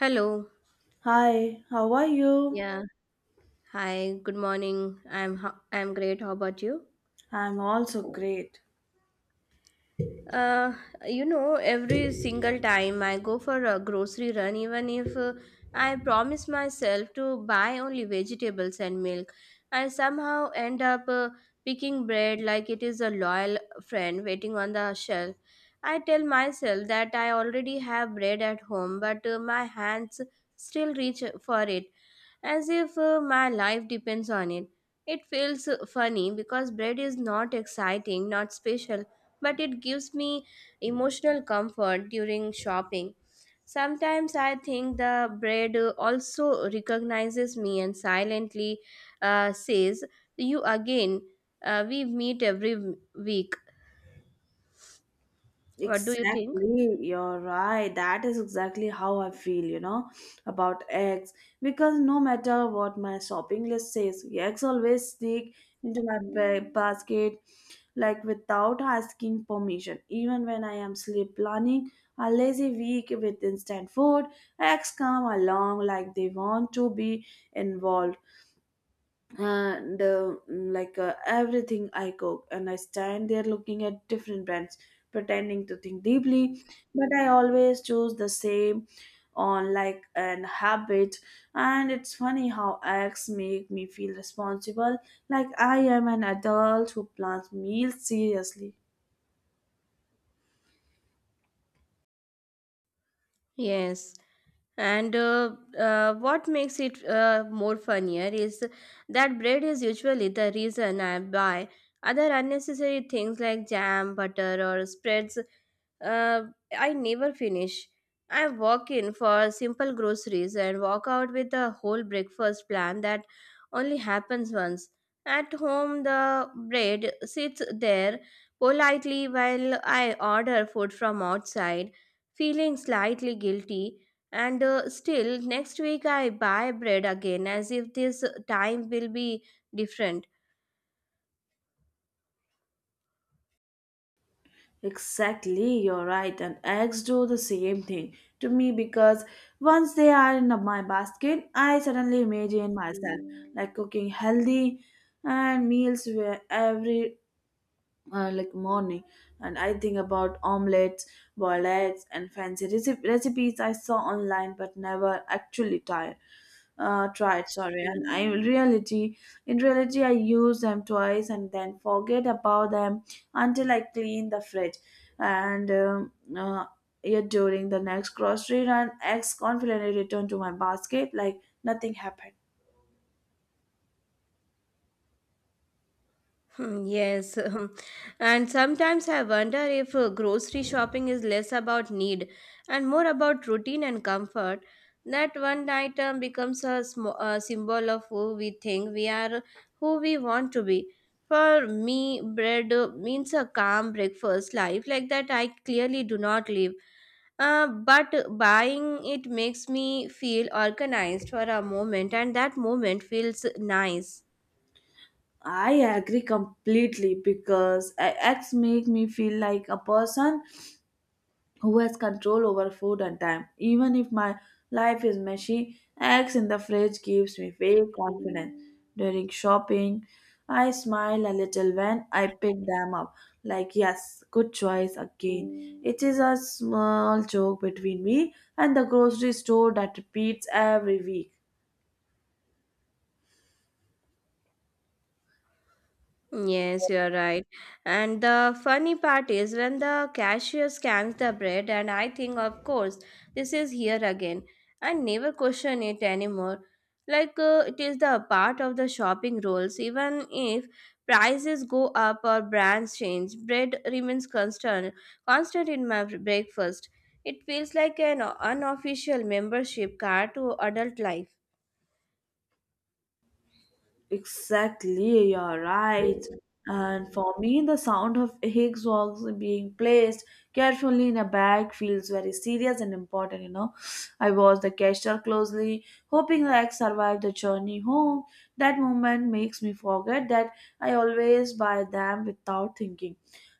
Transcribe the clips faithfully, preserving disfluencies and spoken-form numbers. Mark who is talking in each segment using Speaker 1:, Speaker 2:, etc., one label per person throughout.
Speaker 1: Hello.
Speaker 2: Hi, how are you?
Speaker 1: Yeah. Hi. Good morning. I'm ho- I'm great. How about you?
Speaker 2: I'm also great.
Speaker 1: Uh, you know, every single time I go for a grocery run, even if uh, I promise myself to buy only vegetables and milk, I somehow end up uh, picking bread like it is a loyal friend waiting on the shelf. I tell myself that I already have bread at home, but uh, my hands still reach for it as if uh, my life depends on it. It feels uh, funny because bread is not exciting, not special, but it gives me emotional comfort during shopping. Sometimes I think the bread uh, also recognizes me and silently uh, says, you again, uh, we meet every week. What do you think?
Speaker 2: Exactly, you're right. That is exactly how I feel, you know, about eggs. Because no matter what my shopping list says, eggs always sneak into my ba- basket like without asking permission. Even when I am sleep planning a lazy week with instant food, eggs come along like they want to be involved. and uh, mm, like uh, everything I cook, and I stand there looking at different brands, pretending to think deeply, but I always choose the same on like an habit. And it's funny how acts make me feel responsible, like I am an adult who plans meals seriously.
Speaker 1: Yes. And uh, uh, What makes it uh, more funnier is that bread is usually the reason I buy other unnecessary things like jam, butter, or spreads uh, I never finish. I walk in for simple groceries and walk out with a whole breakfast plan that only happens once. At home, the bread sits there politely while I order food from outside, feeling slightly guilty. And uh, Still, next week I buy bread again as if this time will be different.
Speaker 2: Exactly, you're right. And eggs do the same thing to me because once they are in my basket, I suddenly imagine myself like cooking healthy and meals where every uh, like morning. And I think about omelets, boiled eggs and fancy reci- recipes I saw online but never actually tried, uh, tried sorry. And I in reality in reality I use them twice and then forget about them until I clean the fridge. And um, uh, Yet during the next grocery run, eggs confidently return to my basket like nothing happened.
Speaker 1: Hmm. Yes. And sometimes I wonder if uh, grocery shopping is less about need and more about routine and comfort. That one item becomes a, sm- a symbol of who we think we are, who we want to be. For me, bread uh, means a calm breakfast life like that I clearly do not live. Uh, but buying it makes me feel organized for a moment, and that moment feels nice.
Speaker 2: I agree completely because e- eggs make me feel like a person who has control over food and time. Even if my life is messy, eggs in the fridge gives me fake confidence. During shopping, I smile a little when I pick them up. Like, yes, good choice again. It is a small joke between me and the grocery store that repeats every week.
Speaker 1: Yes, you're right. And the funny part is when the cashier scans the bread, and I think, of course, this is here again. I never question it anymore. Like uh, it is the part of the shopping rules. Even if prices go up or brands change, bread remains constant, constant in my breakfast. It feels like an unofficial membership card to adult life.
Speaker 2: Exactly, you're right. And for me, the sound of Higgs box being placed carefully in a bag feels very serious and important, you know. I watched the gesture closely, hoping the egg survived the journey home. That moment makes me forget that I always buy them without thinking.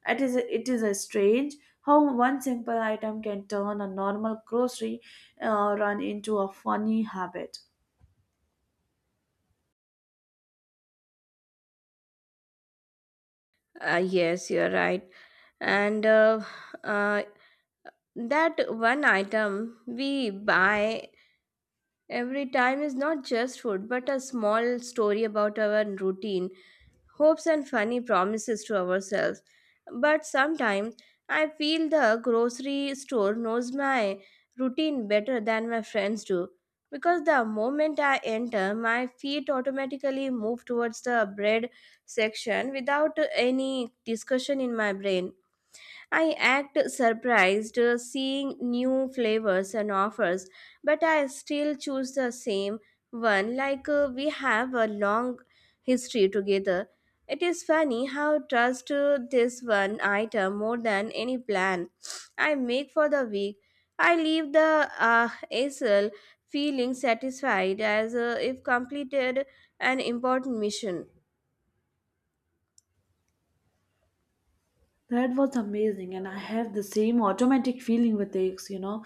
Speaker 2: It is it is a strange how one simple item can turn a normal grocery uh, run into a funny habit.
Speaker 1: Uh, yes, you're right. and uh, uh, that one item we buy every time is not just food but a small story about our routine, hopes and funny promises to ourselves. But sometimes I feel the grocery store knows my routine better than my friends do because the moment I enter, my feet automatically move towards the bread section without any discussion in my brain. I act surprised uh, seeing new flavors and offers, but I still choose the same one like uh, we have a long history together. It is funny how trust uh, this one item more than any plan I make for the week. I leave the uh, A S L feeling satisfied as uh, if completed an important mission.
Speaker 2: That was amazing, and I have the same automatic feeling with eggs, you know,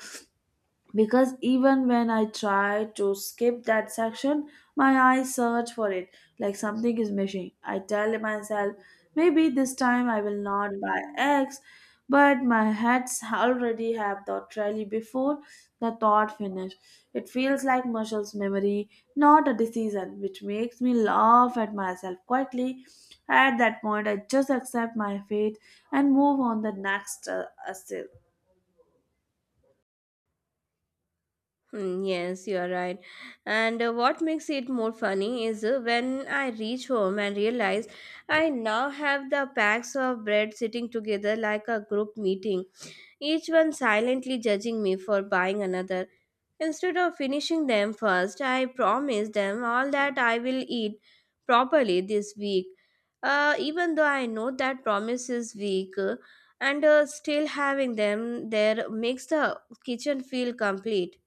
Speaker 2: because even when I try to skip that section, my eyes search for it like something is missing. I tell myself, maybe this time I will not buy eggs, but my heads already have the trolley before the thought finish. It feels like muscles memory, not a decision, which makes me laugh at myself quietly. At that point, I just accept my fate and move on the next uh, assail.
Speaker 1: Hmm. Yes, you are right. And uh, What makes it more funny is uh, when I reach home and realize I now have the packs of bread sitting together like a group meeting, each one silently judging me for buying another. Instead of finishing them first, I promise them all that I will eat properly this week. Uh, even though I know that promise is weak, uh, and uh, still having them there makes the kitchen feel complete.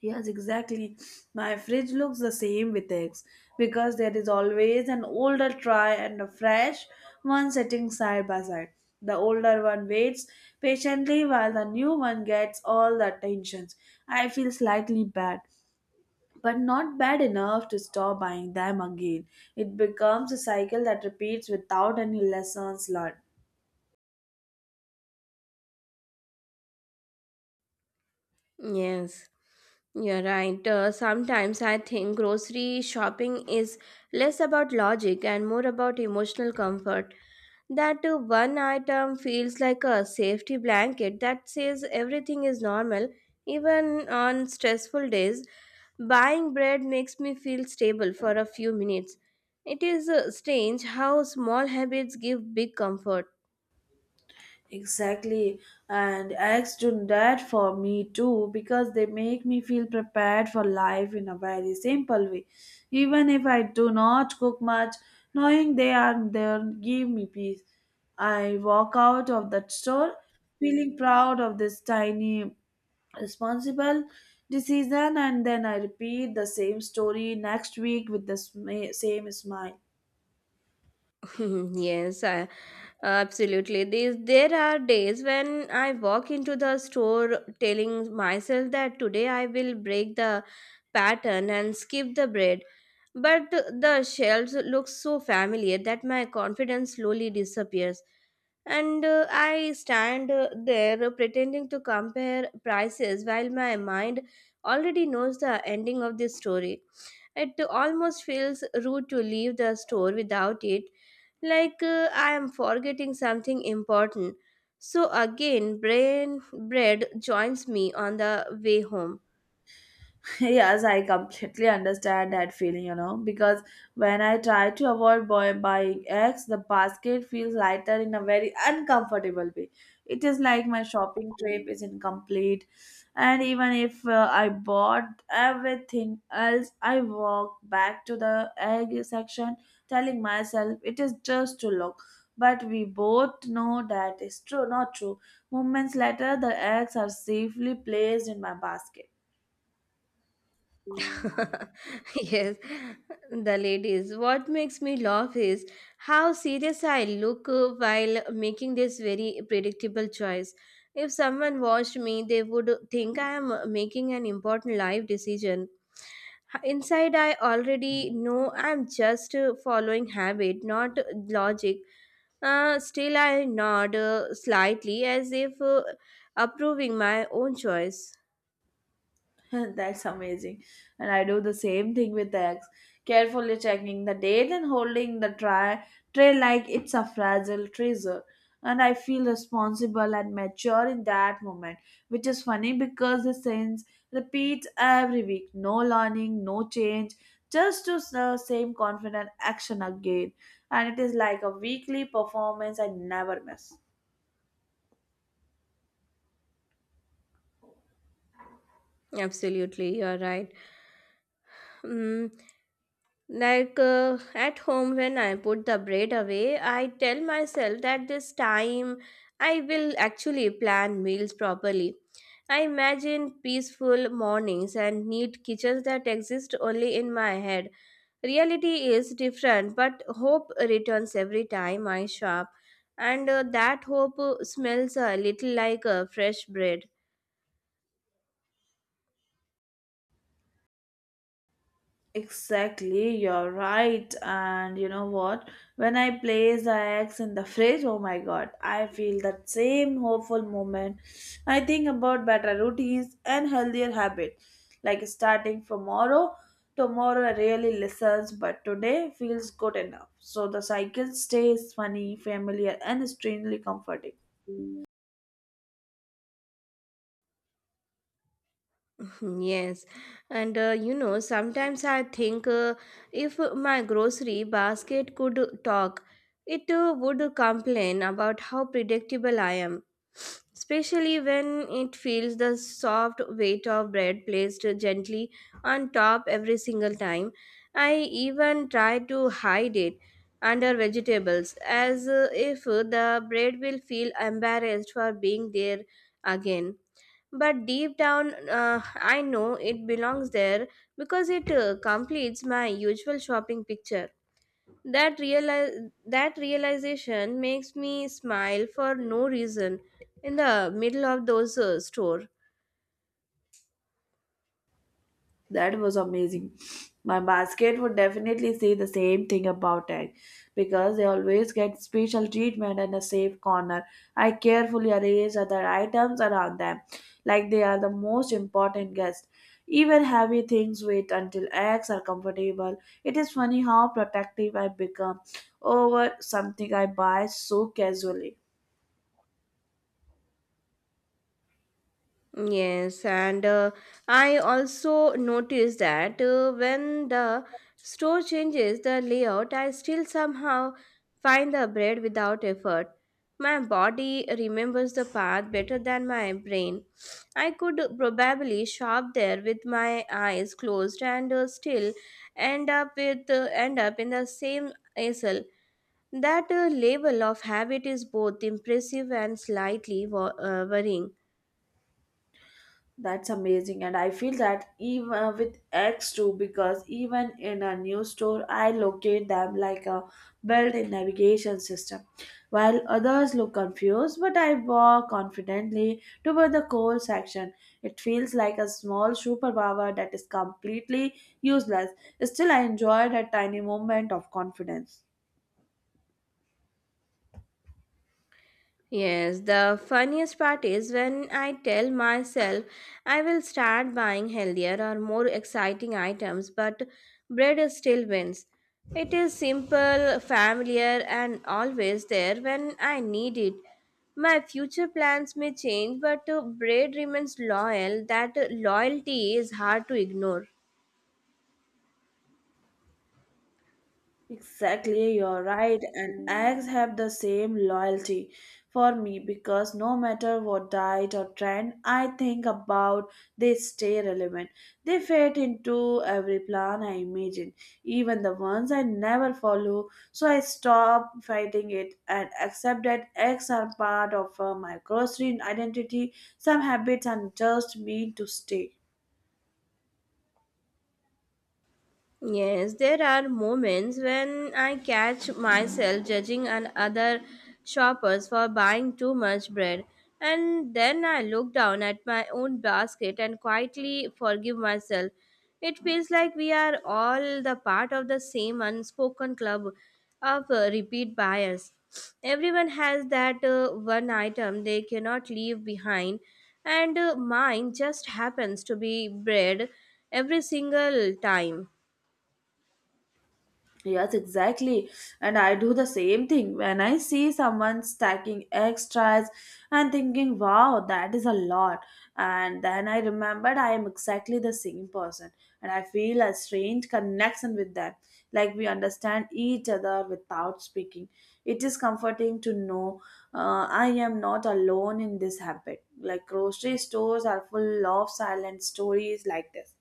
Speaker 2: Yes, exactly. My fridge looks the same with eggs because there is always an older tray and a fresh one sitting side by side. The older one waits patiently while the new one gets all the attention. I feel slightly bad, but not bad enough to stop buying them again. It becomes a cycle that repeats without any lessons learned.
Speaker 1: Yes, you're right. Uh, sometimes I think grocery shopping is less about logic and more about emotional comfort. That uh, one item feels like a safety blanket that says everything is normal, even on stressful days. Buying bread makes me feel stable for a few minutes. It is uh, strange how small habits give big comfort.
Speaker 2: Exactly. And eggs do that for me too because they make me feel prepared for life in a very simple way. Even if I do not cook much, knowing they are there give me peace. I walk out of that store feeling proud of this tiny responsible decision, and then I repeat the same story next week with the sma- same smile.
Speaker 1: yes, I Absolutely. These There are days when I walk into the store telling myself that today I will break the pattern and skip the bread. But the shelves look so familiar that my confidence slowly disappears. And uh, I stand uh, there pretending to compare prices while my mind already knows the ending of this story. It almost feels rude to leave the store without it, like uh, I am forgetting something important. So again, brain bread joins me on the way home.
Speaker 2: Yes, I completely understand that feeling, you know, because when I try to avoid buy- buying eggs, the basket feels lighter in a very uncomfortable way. It is like my shopping trip is incomplete. And even if uh, I bought everything else, I walk back to the egg section telling myself it is just to look. But we both know that is true, not true. Moments later, the eggs are safely placed in my basket.
Speaker 1: Yes, the ladies. What makes me laugh is how serious I look uh, while making this very predictable choice. If someone watched me, they would think I am uh, making an important life decision. Inside, I already know I'm just uh, following habit, not logic. Uh, still, I nod uh, slightly as if uh, approving my own choice.
Speaker 2: That's amazing. And I do the same thing with eggs, carefully checking the date and holding the tray, tray like it's a fragile treasure. And I feel responsible and mature in that moment, which is funny because the sins repeats every week. No learning, no change, just to the same confident action again. And it is like a weekly performance I never miss.
Speaker 1: Absolutely, you're right. Mm. Like uh, at home, when I put the bread away, I tell myself that this time I will actually plan meals properly. I imagine peaceful mornings and neat kitchens that exist only in my head. Reality is different, but hope returns every time I shop, and uh, that hope uh, smells a little like uh, fresh bread.
Speaker 2: Exactly, you're right. And you know what? When I place the eggs in the fridge, oh my god, I feel that same hopeful moment. I think about better routines and healthier habit. Like starting tomorrow, tomorrow I really listens, but today feels good enough. So the cycle stays funny, familiar, and strangely comforting.
Speaker 1: Yes, and uh, you know, sometimes I think uh, if my grocery basket could talk, it uh, would complain about how predictable I am, especially when it feels the soft weight of bread placed gently on top every single time. I even try to hide it under vegetables as uh, if the bread will feel embarrassed for being there again. But deep down, uh, I know it belongs there because it uh, completes my usual shopping picture. That reali- that realization makes me smile for no reason in the middle of those uh, store.
Speaker 2: That was amazing. My basket would definitely say the same thing about egg because they always get special treatment and a safe corner. I carefully arrange other items around them like they are the most important guest. Even heavy things wait until eggs are comfortable. It is funny how protective I become over something I buy so casually.
Speaker 1: Yes, and uh, I also noticed that uh, when the store changes the layout, I still somehow find the bread without effort. My body remembers the path better than my brain. I could probably shop there with my eyes closed and uh, still end up with uh, end up in the same aisle. That uh, level of habit is both impressive and slightly wo- uh, worrying.
Speaker 2: That's amazing, and I feel that even uh, with X too, because even in a new store, I locate them like a built-in navigation system, while others look confused. But I walk confidently toward the coal section. It feels like a small superpower that is completely useless. Still, I enjoyed a tiny moment of confidence.
Speaker 1: Yes, the funniest part is when I tell myself I will start buying healthier or more exciting items, but bread is still wins. It is simple, familiar, and always there when I need it. My future plans may change, but uh, bread remains loyal. That uh, loyalty is hard to ignore.
Speaker 2: Exactly, you're right, and eggs have the same loyalty for me because no matter what diet or trend I think about, they stay relevant. They fit into every plan I imagine, even the ones I never follow. So I stop fighting it and accept that eggs are part of uh, my grocery identity. Some habits are just meant to stay.
Speaker 1: Yes, there are moments when I catch myself judging an other shoppers for buying too much bread. And then I look down at my own basket and quietly forgive myself. It feels like we are all the part of the same unspoken club of uh, repeat buyers. Everyone has that uh, one item they cannot leave behind, and uh, mine just happens to be bread every single time.
Speaker 2: Yes, exactly. And I do the same thing when I see someone stacking extras and thinking, wow, that is a lot. And then I remembered I am exactly the same person. And I feel a strange connection with them, like we understand each other without speaking. It is comforting to know uh, I am not alone in this habit. Like grocery stores are full of silent stories like this.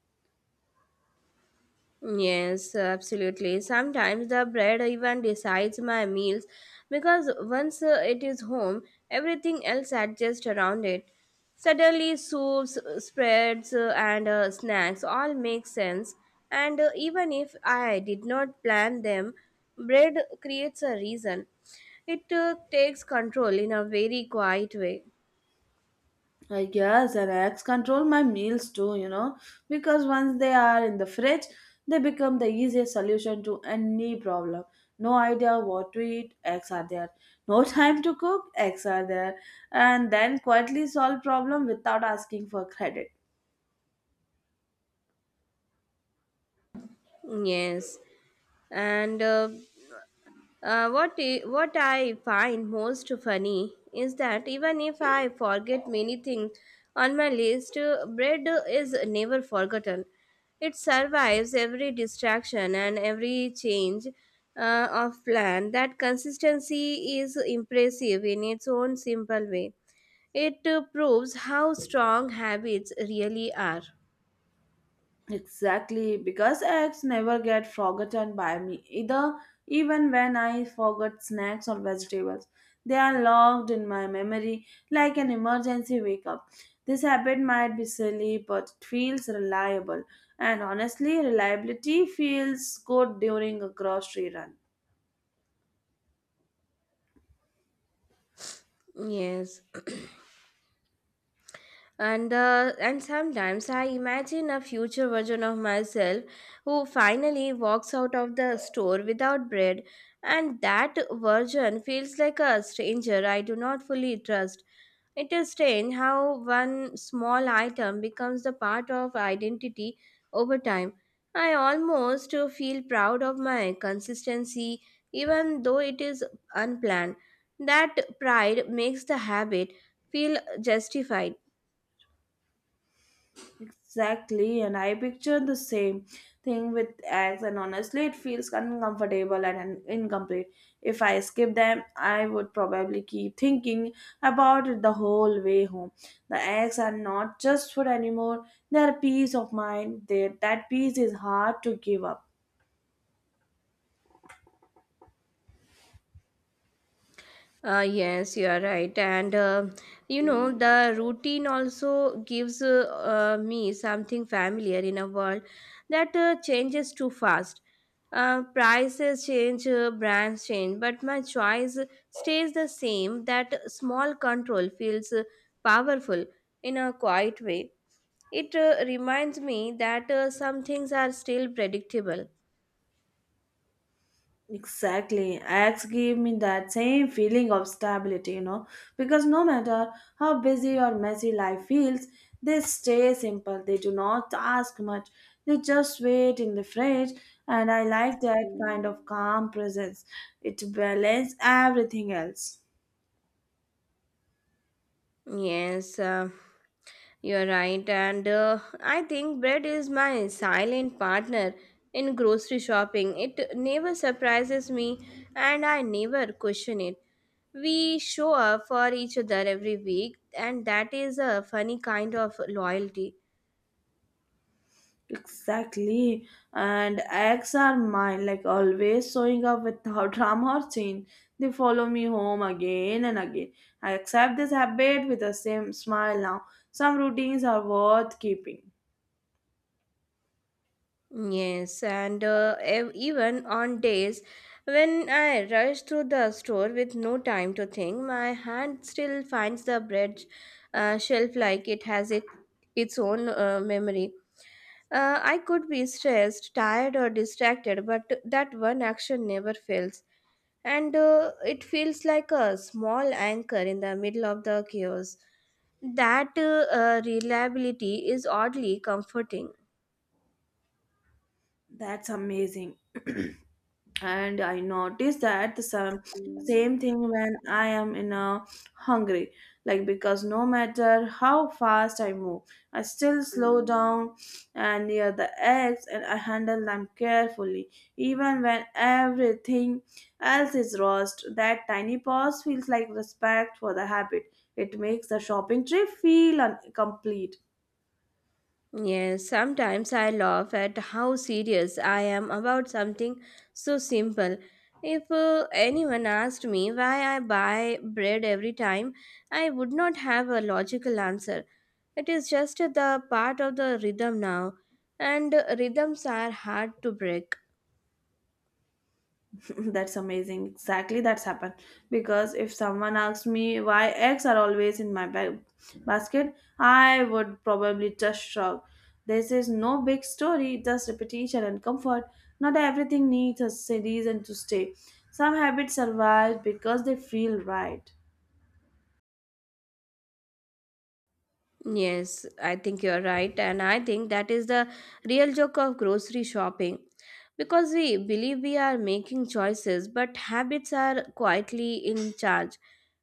Speaker 1: Yes, absolutely. Sometimes the bread even decides my meals because once uh, it is home, everything else adjusts around it. Suddenly, soups, uh, spreads, uh, and uh, snacks all make sense. And uh, even if I did not plan them, bread creates a reason. It uh, takes control in a very quiet way.
Speaker 2: I guess and eggs control my meals too, you know, because once they are in the fridge, they become the easiest solution to any problem. No idea what to eat, eggs are there. No time to cook, eggs are there. And then quietly solve problem without asking for credit.
Speaker 1: Yes, and uh, Uh, what, I, what I find most funny is that even if I forget many things on my list, uh, bread is never forgotten. It survives every distraction and every change uh, of plan. That consistency is impressive in its own simple way. It uh, proves how strong habits really are.
Speaker 2: Exactly, because eggs never get forgotten by me either, even when I forget snacks or vegetables. They are logged in my memory like an emergency wake up. This habit might be silly, but it feels reliable. And honestly, reliability feels good during a grocery run.
Speaker 1: Yes. And uh, and sometimes I imagine a future version of myself who finally walks out of the store without bread, and that version feels like a stranger I do not fully trust. It is strange how one small item becomes the part of identity over time. I almost uh, feel proud of my consistency, even though it is unplanned. That pride makes the habit feel justified.
Speaker 2: Exactly, and I picture the same thing with eggs, and honestly, it feels uncomfortable and un- incomplete. If I skip them, I would probably keep thinking about it the whole way home. The eggs are not just food anymore, they are peace of mind. They, that peace is hard to give up.
Speaker 1: Uh, yes, you are right. And uh, you know, the routine also gives uh, uh, me something familiar in a world that uh, changes too fast. Uh, prices change, uh, brands change, but my choice stays the same. That small control feels uh, powerful in a quiet way. It uh, reminds me that uh, some things are still predictable.
Speaker 2: Exactly. Acts give me that same feeling of stability, you know, because no matter how busy or messy life feels, they stay simple. They do not ask much. They just wait in the fridge, and I like that kind of calm presence. It balances everything else.
Speaker 1: Yes. Uh, You're right, and uh, I think bread is my silent partner in grocery shopping. It never surprises me, and I never question it. We show up for each other every week, and that is a funny kind of loyalty.
Speaker 2: Exactly. And acts are mine, like always showing up without drama or change. They follow me home again and again. I accept this habit with the same smile now. Some routines are worth keeping.
Speaker 1: Yes, and uh, ev- even on days when I rush through the store with no time to think, my hand still finds the bread uh, shelf like it has it, its own uh, memory. Uh, I could be stressed, tired, or distracted, but that one action never fails. And uh, it feels like a small anchor in the middle of the chaos. That uh, uh, reliability is oddly comforting.
Speaker 2: That's amazing. And I notice that the same, same thing when I am in a hungry, like, because no matter how fast I move, I still slow down and near the eggs, and I handle them carefully even when everything else is roast. That tiny pause feels like respect for the habit. It makes the shopping trip feel un- complete.
Speaker 1: Yes, sometimes I laugh at how serious I am about something so simple. If uh, anyone asked me why I buy bread every time, I would not have a logical answer. It is just the part of the rhythm now, and rhythms are hard to break.
Speaker 2: That's amazing. Exactly, that's happened. Because if someone asks me why eggs are always in my bag basket, I would probably just shrug. This is no big story, just repetition and comfort. Not everything needs a reason to stay. Some habits survive because they feel right.
Speaker 1: Yes, I think you're right, and I think that is the real joke of grocery shopping. Because we believe we are making choices, but habits are quietly in charge.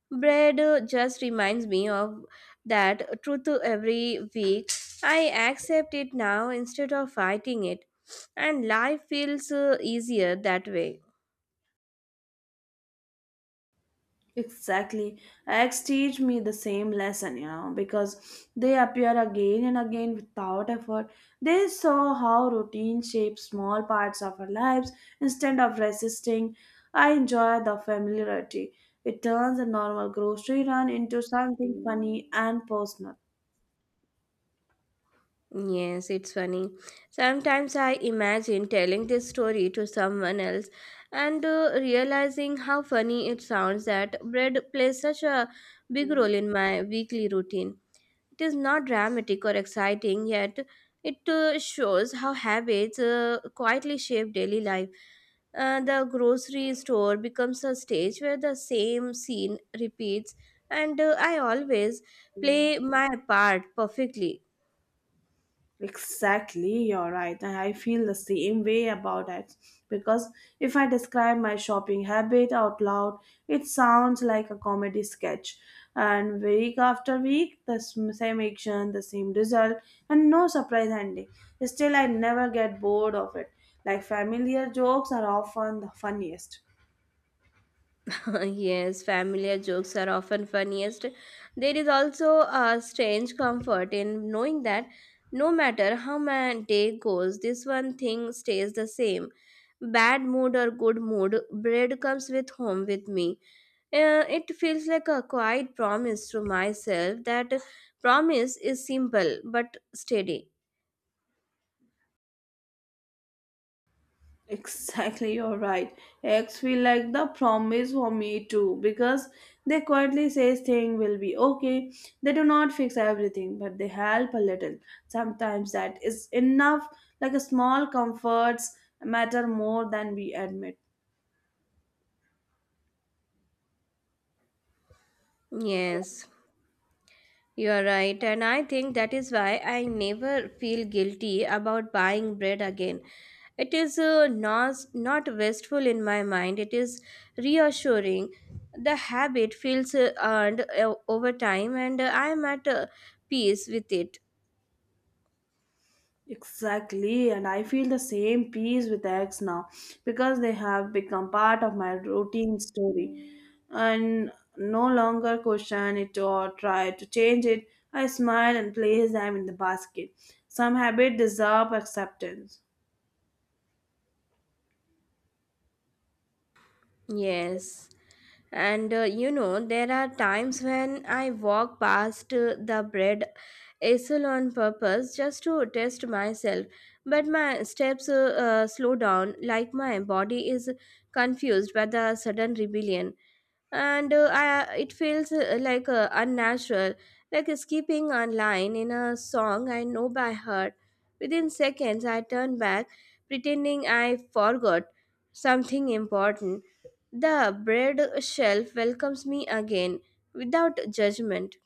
Speaker 1: Bread uh, just reminds me of that truth every week. I accept it now instead of fighting it, and life feels uh, easier that way.
Speaker 2: Exactly. Eggs teach me the same lesson, you know, because they appear again and again without effort. They saw how routine shapes small parts of our lives instead of resisting. I enjoy the familiarity. It turns a normal grocery run into something funny and personal.
Speaker 1: Yes, it's funny. Sometimes I imagine telling this story to someone else and uh, realizing how funny it sounds that bread plays such a big role in my weekly routine. It is not dramatic or exciting, yet it uh, shows how habits uh, quietly shape daily life. Uh, the grocery store becomes a stage where the same scene repeats, and uh, I always play my part perfectly.
Speaker 2: Exactly, you're right. And I feel the same way about it. Because if I describe my shopping habit out loud, it sounds like a comedy sketch. And week after week, the sm- same action, the same result, and no surprise ending. Still, I never get bored of it. Like familiar jokes are often the funniest.
Speaker 1: Yes, familiar jokes are often funniest. There is also a strange comfort in knowing that no matter how my day goes, this one thing stays the same. Bad mood or good mood, bread comes with home with me. Uh, it feels like a quiet promise to myself that promise is simple but steady.
Speaker 2: Exactly, you're right. Eggs feel like the promise for me too because they quietly say things will be okay. They do not fix everything, but they help a little. Sometimes that is enough, like a small comforts matter more than we admit.
Speaker 1: Yes. You are right, and I think that is why I never feel guilty about buying bread again. It is uh, not, not wasteful in my mind, it is reassuring. The habit feels uh, earned uh, over time, and uh, I am at uh, peace with it.
Speaker 2: Exactly, and I feel the same peace with eggs now because they have become part of my routine story and no longer question it or try to change it. I smile and place them in the basket. Some habits deserve acceptance.
Speaker 1: Yes. And uh, you know, there are times when I walk past uh, the bread easel on purpose just to test myself, but my steps uh, uh, slow down, like my body is confused by the sudden rebellion and uh, I, it feels uh, like uh, unnatural, like skipping a line in a song I know by heart. Within seconds I turn back, pretending I forgot something important. The bread shelf welcomes me again without judgment.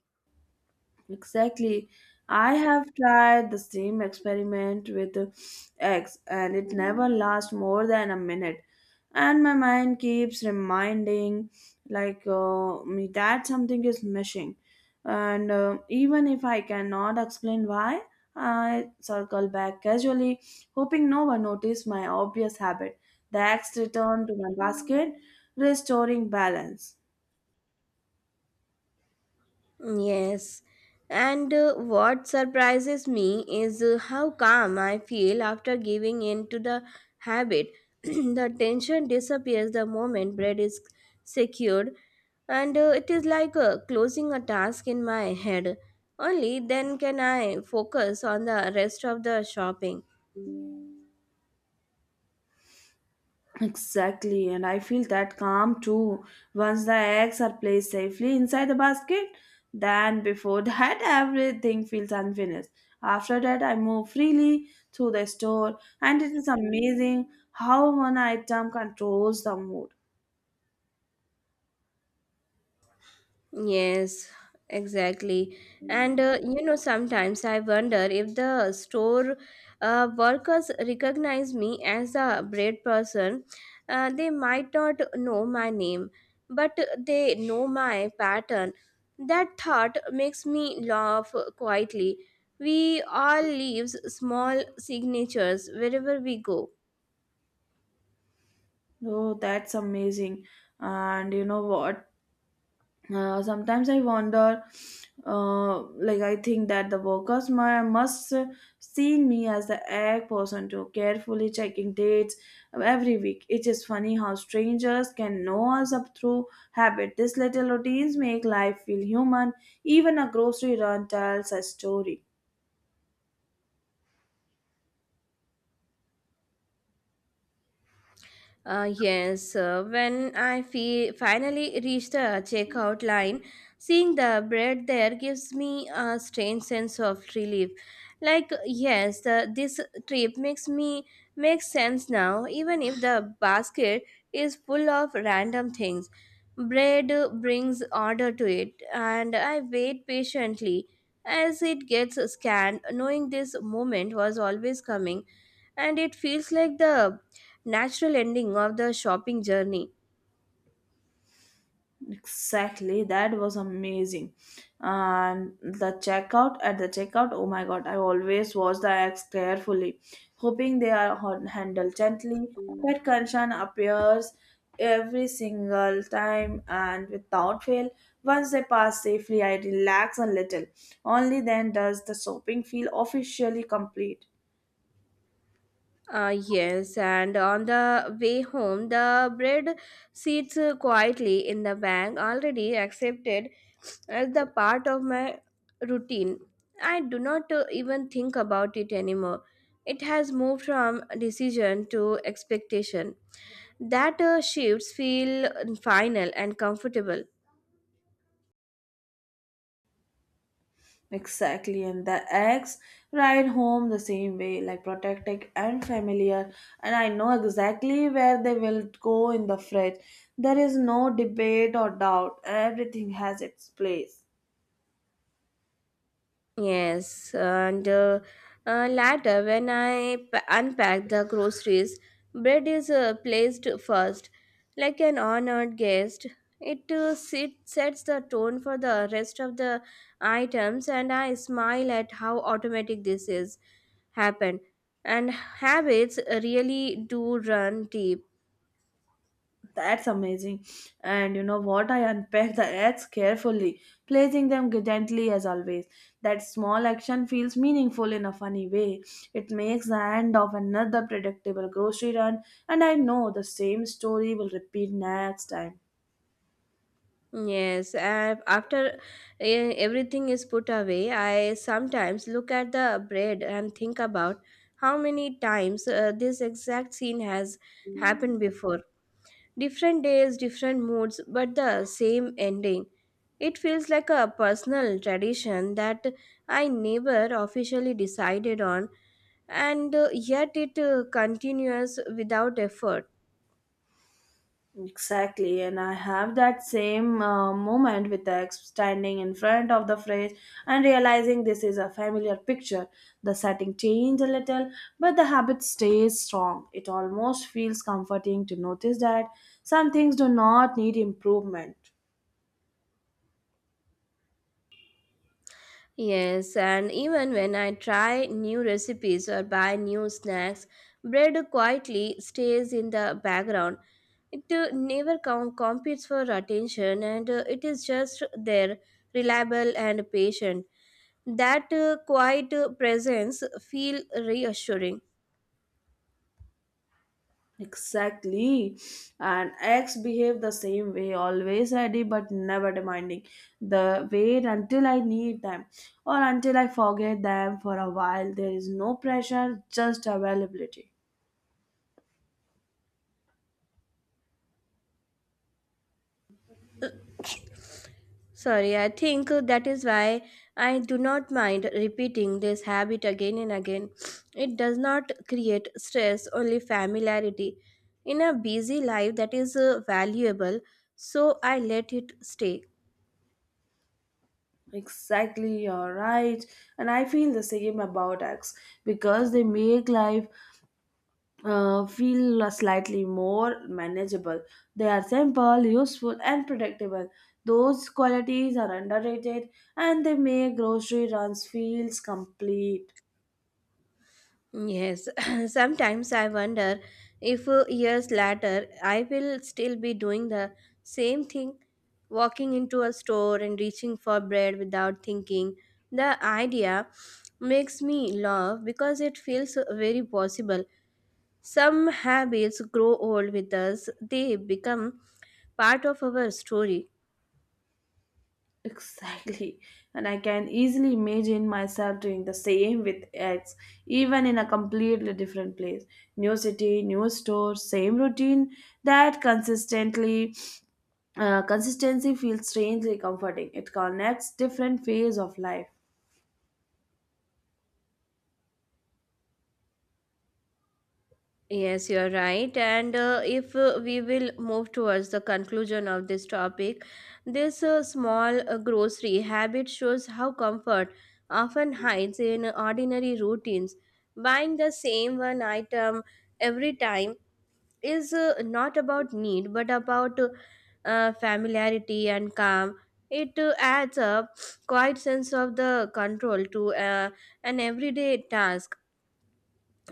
Speaker 2: Exactly. I have tried the same experiment with eggs and it never lasts more than a minute. And my mind keeps reminding like uh, me that something is missing. And uh, Even if I cannot explain why, I circle back casually, hoping no one noticed my obvious habit. The eggs return to my basket, restoring balance.
Speaker 1: Yes. And uh, what surprises me is uh, how calm I feel after giving in to the habit. The tension disappears the moment bread is secured, and uh, it is like uh, closing a task in my head. Only then can I focus on the rest of the shopping.
Speaker 2: Exactly, and I feel that calm too. Once the eggs are placed safely inside the basket, then before that, everything feels unfinished. After that, I move freely through the store, and it is amazing how one item controls the mood.
Speaker 1: Yes, exactly. And uh, you know, sometimes I wonder if the store uh, workers recognize me as a bread person. Uh, they might not know my name, but they know my pattern. That thought makes me laugh quietly. We all leave small signatures wherever we go.
Speaker 2: Oh, that's amazing! And you know what? Uh, sometimes I wonder, uh, like I think that the workers mu- must see me as the egg person too, carefully checking dates every week. It is funny how strangers can know us up through habit. These little routines make life feel human. Even a grocery run tells a story.
Speaker 1: Uh, yes, uh, when I fe- finally reached the checkout line, seeing the bread there gives me a strange sense of relief. Like, yes, the, this trip makes me makes sense now, even if the basket is full of random things. Bread brings order to it, and I wait patiently as it gets scanned, knowing this moment was always coming, and it feels like the natural ending of the shopping journey.
Speaker 2: Exactly, that was amazing. And the checkout at the checkout, oh my god, I always watch the acts carefully, hoping they are hon- handled gently. That Kanshan appears every single time and without fail. Once they pass safely, I relax a little. Only then does the shopping feel officially complete.
Speaker 1: Uh, yes, and on the way home, the bread sits uh, quietly in the bag, already accepted as the part of my routine. I do not uh, even think about it anymore. It has moved from decision to expectation. That uh, shifts feel final and comfortable.
Speaker 2: Exactly, and the eggs ride home the same way, like protected and familiar, and I know exactly where they will go in the fridge. There is no debate or doubt, everything has its place.
Speaker 1: Yes, and uh, uh, later when I p- unpack the groceries, bread is uh, placed first, like an honored guest. It uh, sit, sets the tone for the rest of the items, and I smile at how automatic this is happen. And habits really do run deep.
Speaker 2: That's amazing. And you know what? I unpack the eggs carefully, placing them gently as always. That small action feels meaningful in a funny way. It makes the end of another predictable grocery run, and I know the same story will repeat next time.
Speaker 1: Yes, uh, after uh, everything is put away, I sometimes look at the bread and think about how many times uh, this exact scene has happened before. Different days, different moods, but the same ending. It feels like a personal tradition that I never officially decided on, and uh, yet it uh, continues without effort.
Speaker 2: Exactly, and I have that same uh, moment with the ex standing in front of the fridge and realizing this is a familiar picture. The setting changed a little, but the habit stays strong. It almost feels comforting to notice that some things do not need improvement.
Speaker 1: Yes, and even when I try new recipes or buy new snacks, bread quietly stays in the background. It uh, never com- competes for attention, and uh, it is just there, reliable and patient. That uh, quiet uh, presence feel reassuring.
Speaker 2: Exactly. And eggs behave the same way, always ready but never demanding. The wait until I need them or until I forget them for a while. There is no pressure, just availability.
Speaker 1: Sorry, I think that is why I do not mind repeating this habit again and again. It does not create stress, only familiarity. In a busy life, that is uh, valuable, so I let it stay.
Speaker 2: Exactly, you're right. And I feel the same about eggs because they make life uh, feel slightly more manageable. They are simple, useful, and predictable. Those qualities are underrated and they make grocery runs feels complete.
Speaker 1: Yes. Sometimes I wonder if uh, years later I will still be doing the same thing, walking into a store and reaching for bread without thinking. The idea makes me laugh because it feels uh, very possible. Some habits grow old with us, they become part of our story.
Speaker 2: Exactly. And I can easily imagine myself doing the same with eggs, even in a completely different place. New city, new store, same routine that consistently uh, consistency feels strangely comforting. It connects different phase of life.
Speaker 1: Yes, you're right. And uh, if uh, we will move towards the conclusion of this topic, this uh, small uh, grocery habit shows how comfort often hides in ordinary routines. Buying the same one item every time is uh, not about need but about uh, uh, familiarity and calm. It uh, adds a quiet sense of the control to uh, an everyday task,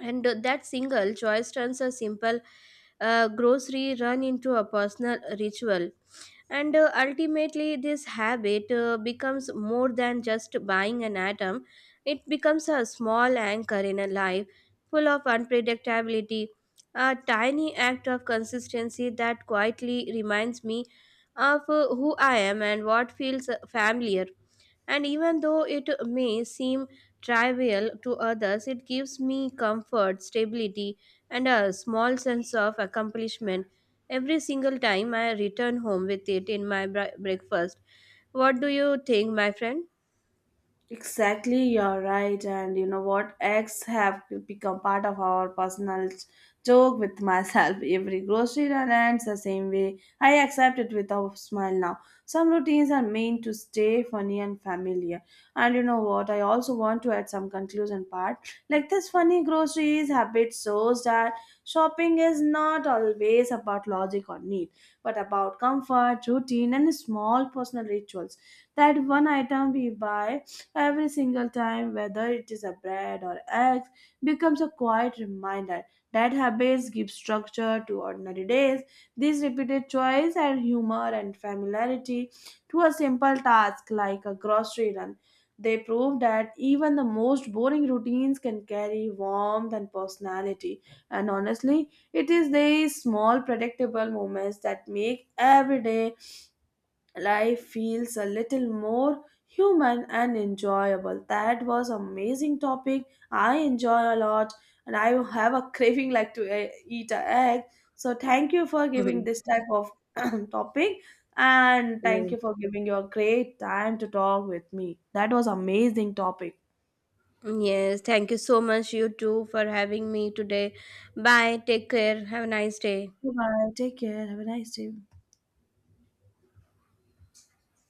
Speaker 1: and that single choice turns a simple uh, grocery run into a personal ritual. And uh, ultimately this habit uh, becomes more than just buying an item. It becomes a small anchor in a life full of unpredictability, a tiny act of consistency that quietly reminds me of uh, who I am and what feels familiar. And even though it may seem trivial to others, it gives me comfort, stability, and a small sense of accomplishment every single time I return home with it in my br- breakfast. What do you think, my friend?
Speaker 2: Exactly, you're right. And you know what? Eggs have become part of our personal joke with myself. Every grocery run ends the same way. I accept it with a smile now. Some routines are meant to stay funny and familiar. And you know what? I also want to add some conclusion part. Like this funny groceries habit shows that shopping is not always about logic or need, but about comfort, routine, and small personal rituals. That one item we buy every single time, whether it is a bread or eggs, becomes a quiet reminder that habits give structure to ordinary days. This repeated choice and humor and familiarity to a simple task like a grocery run. They prove that even the most boring routines can carry warmth and personality. And honestly, it is these small predictable moments that make every day life feels a little more human and enjoyable. That was amazing topic. I enjoy a lot and I have a craving like to eh, eat a egg. So thank you for giving this type of topic and
Speaker 1: Yeah.
Speaker 2: thank you for giving your great time to talk with me. That was amazing topic.
Speaker 1: Yes, thank you so much, you too, for having me today. Bye, take care, have a nice day.
Speaker 2: Bye. Take care. Have a nice day.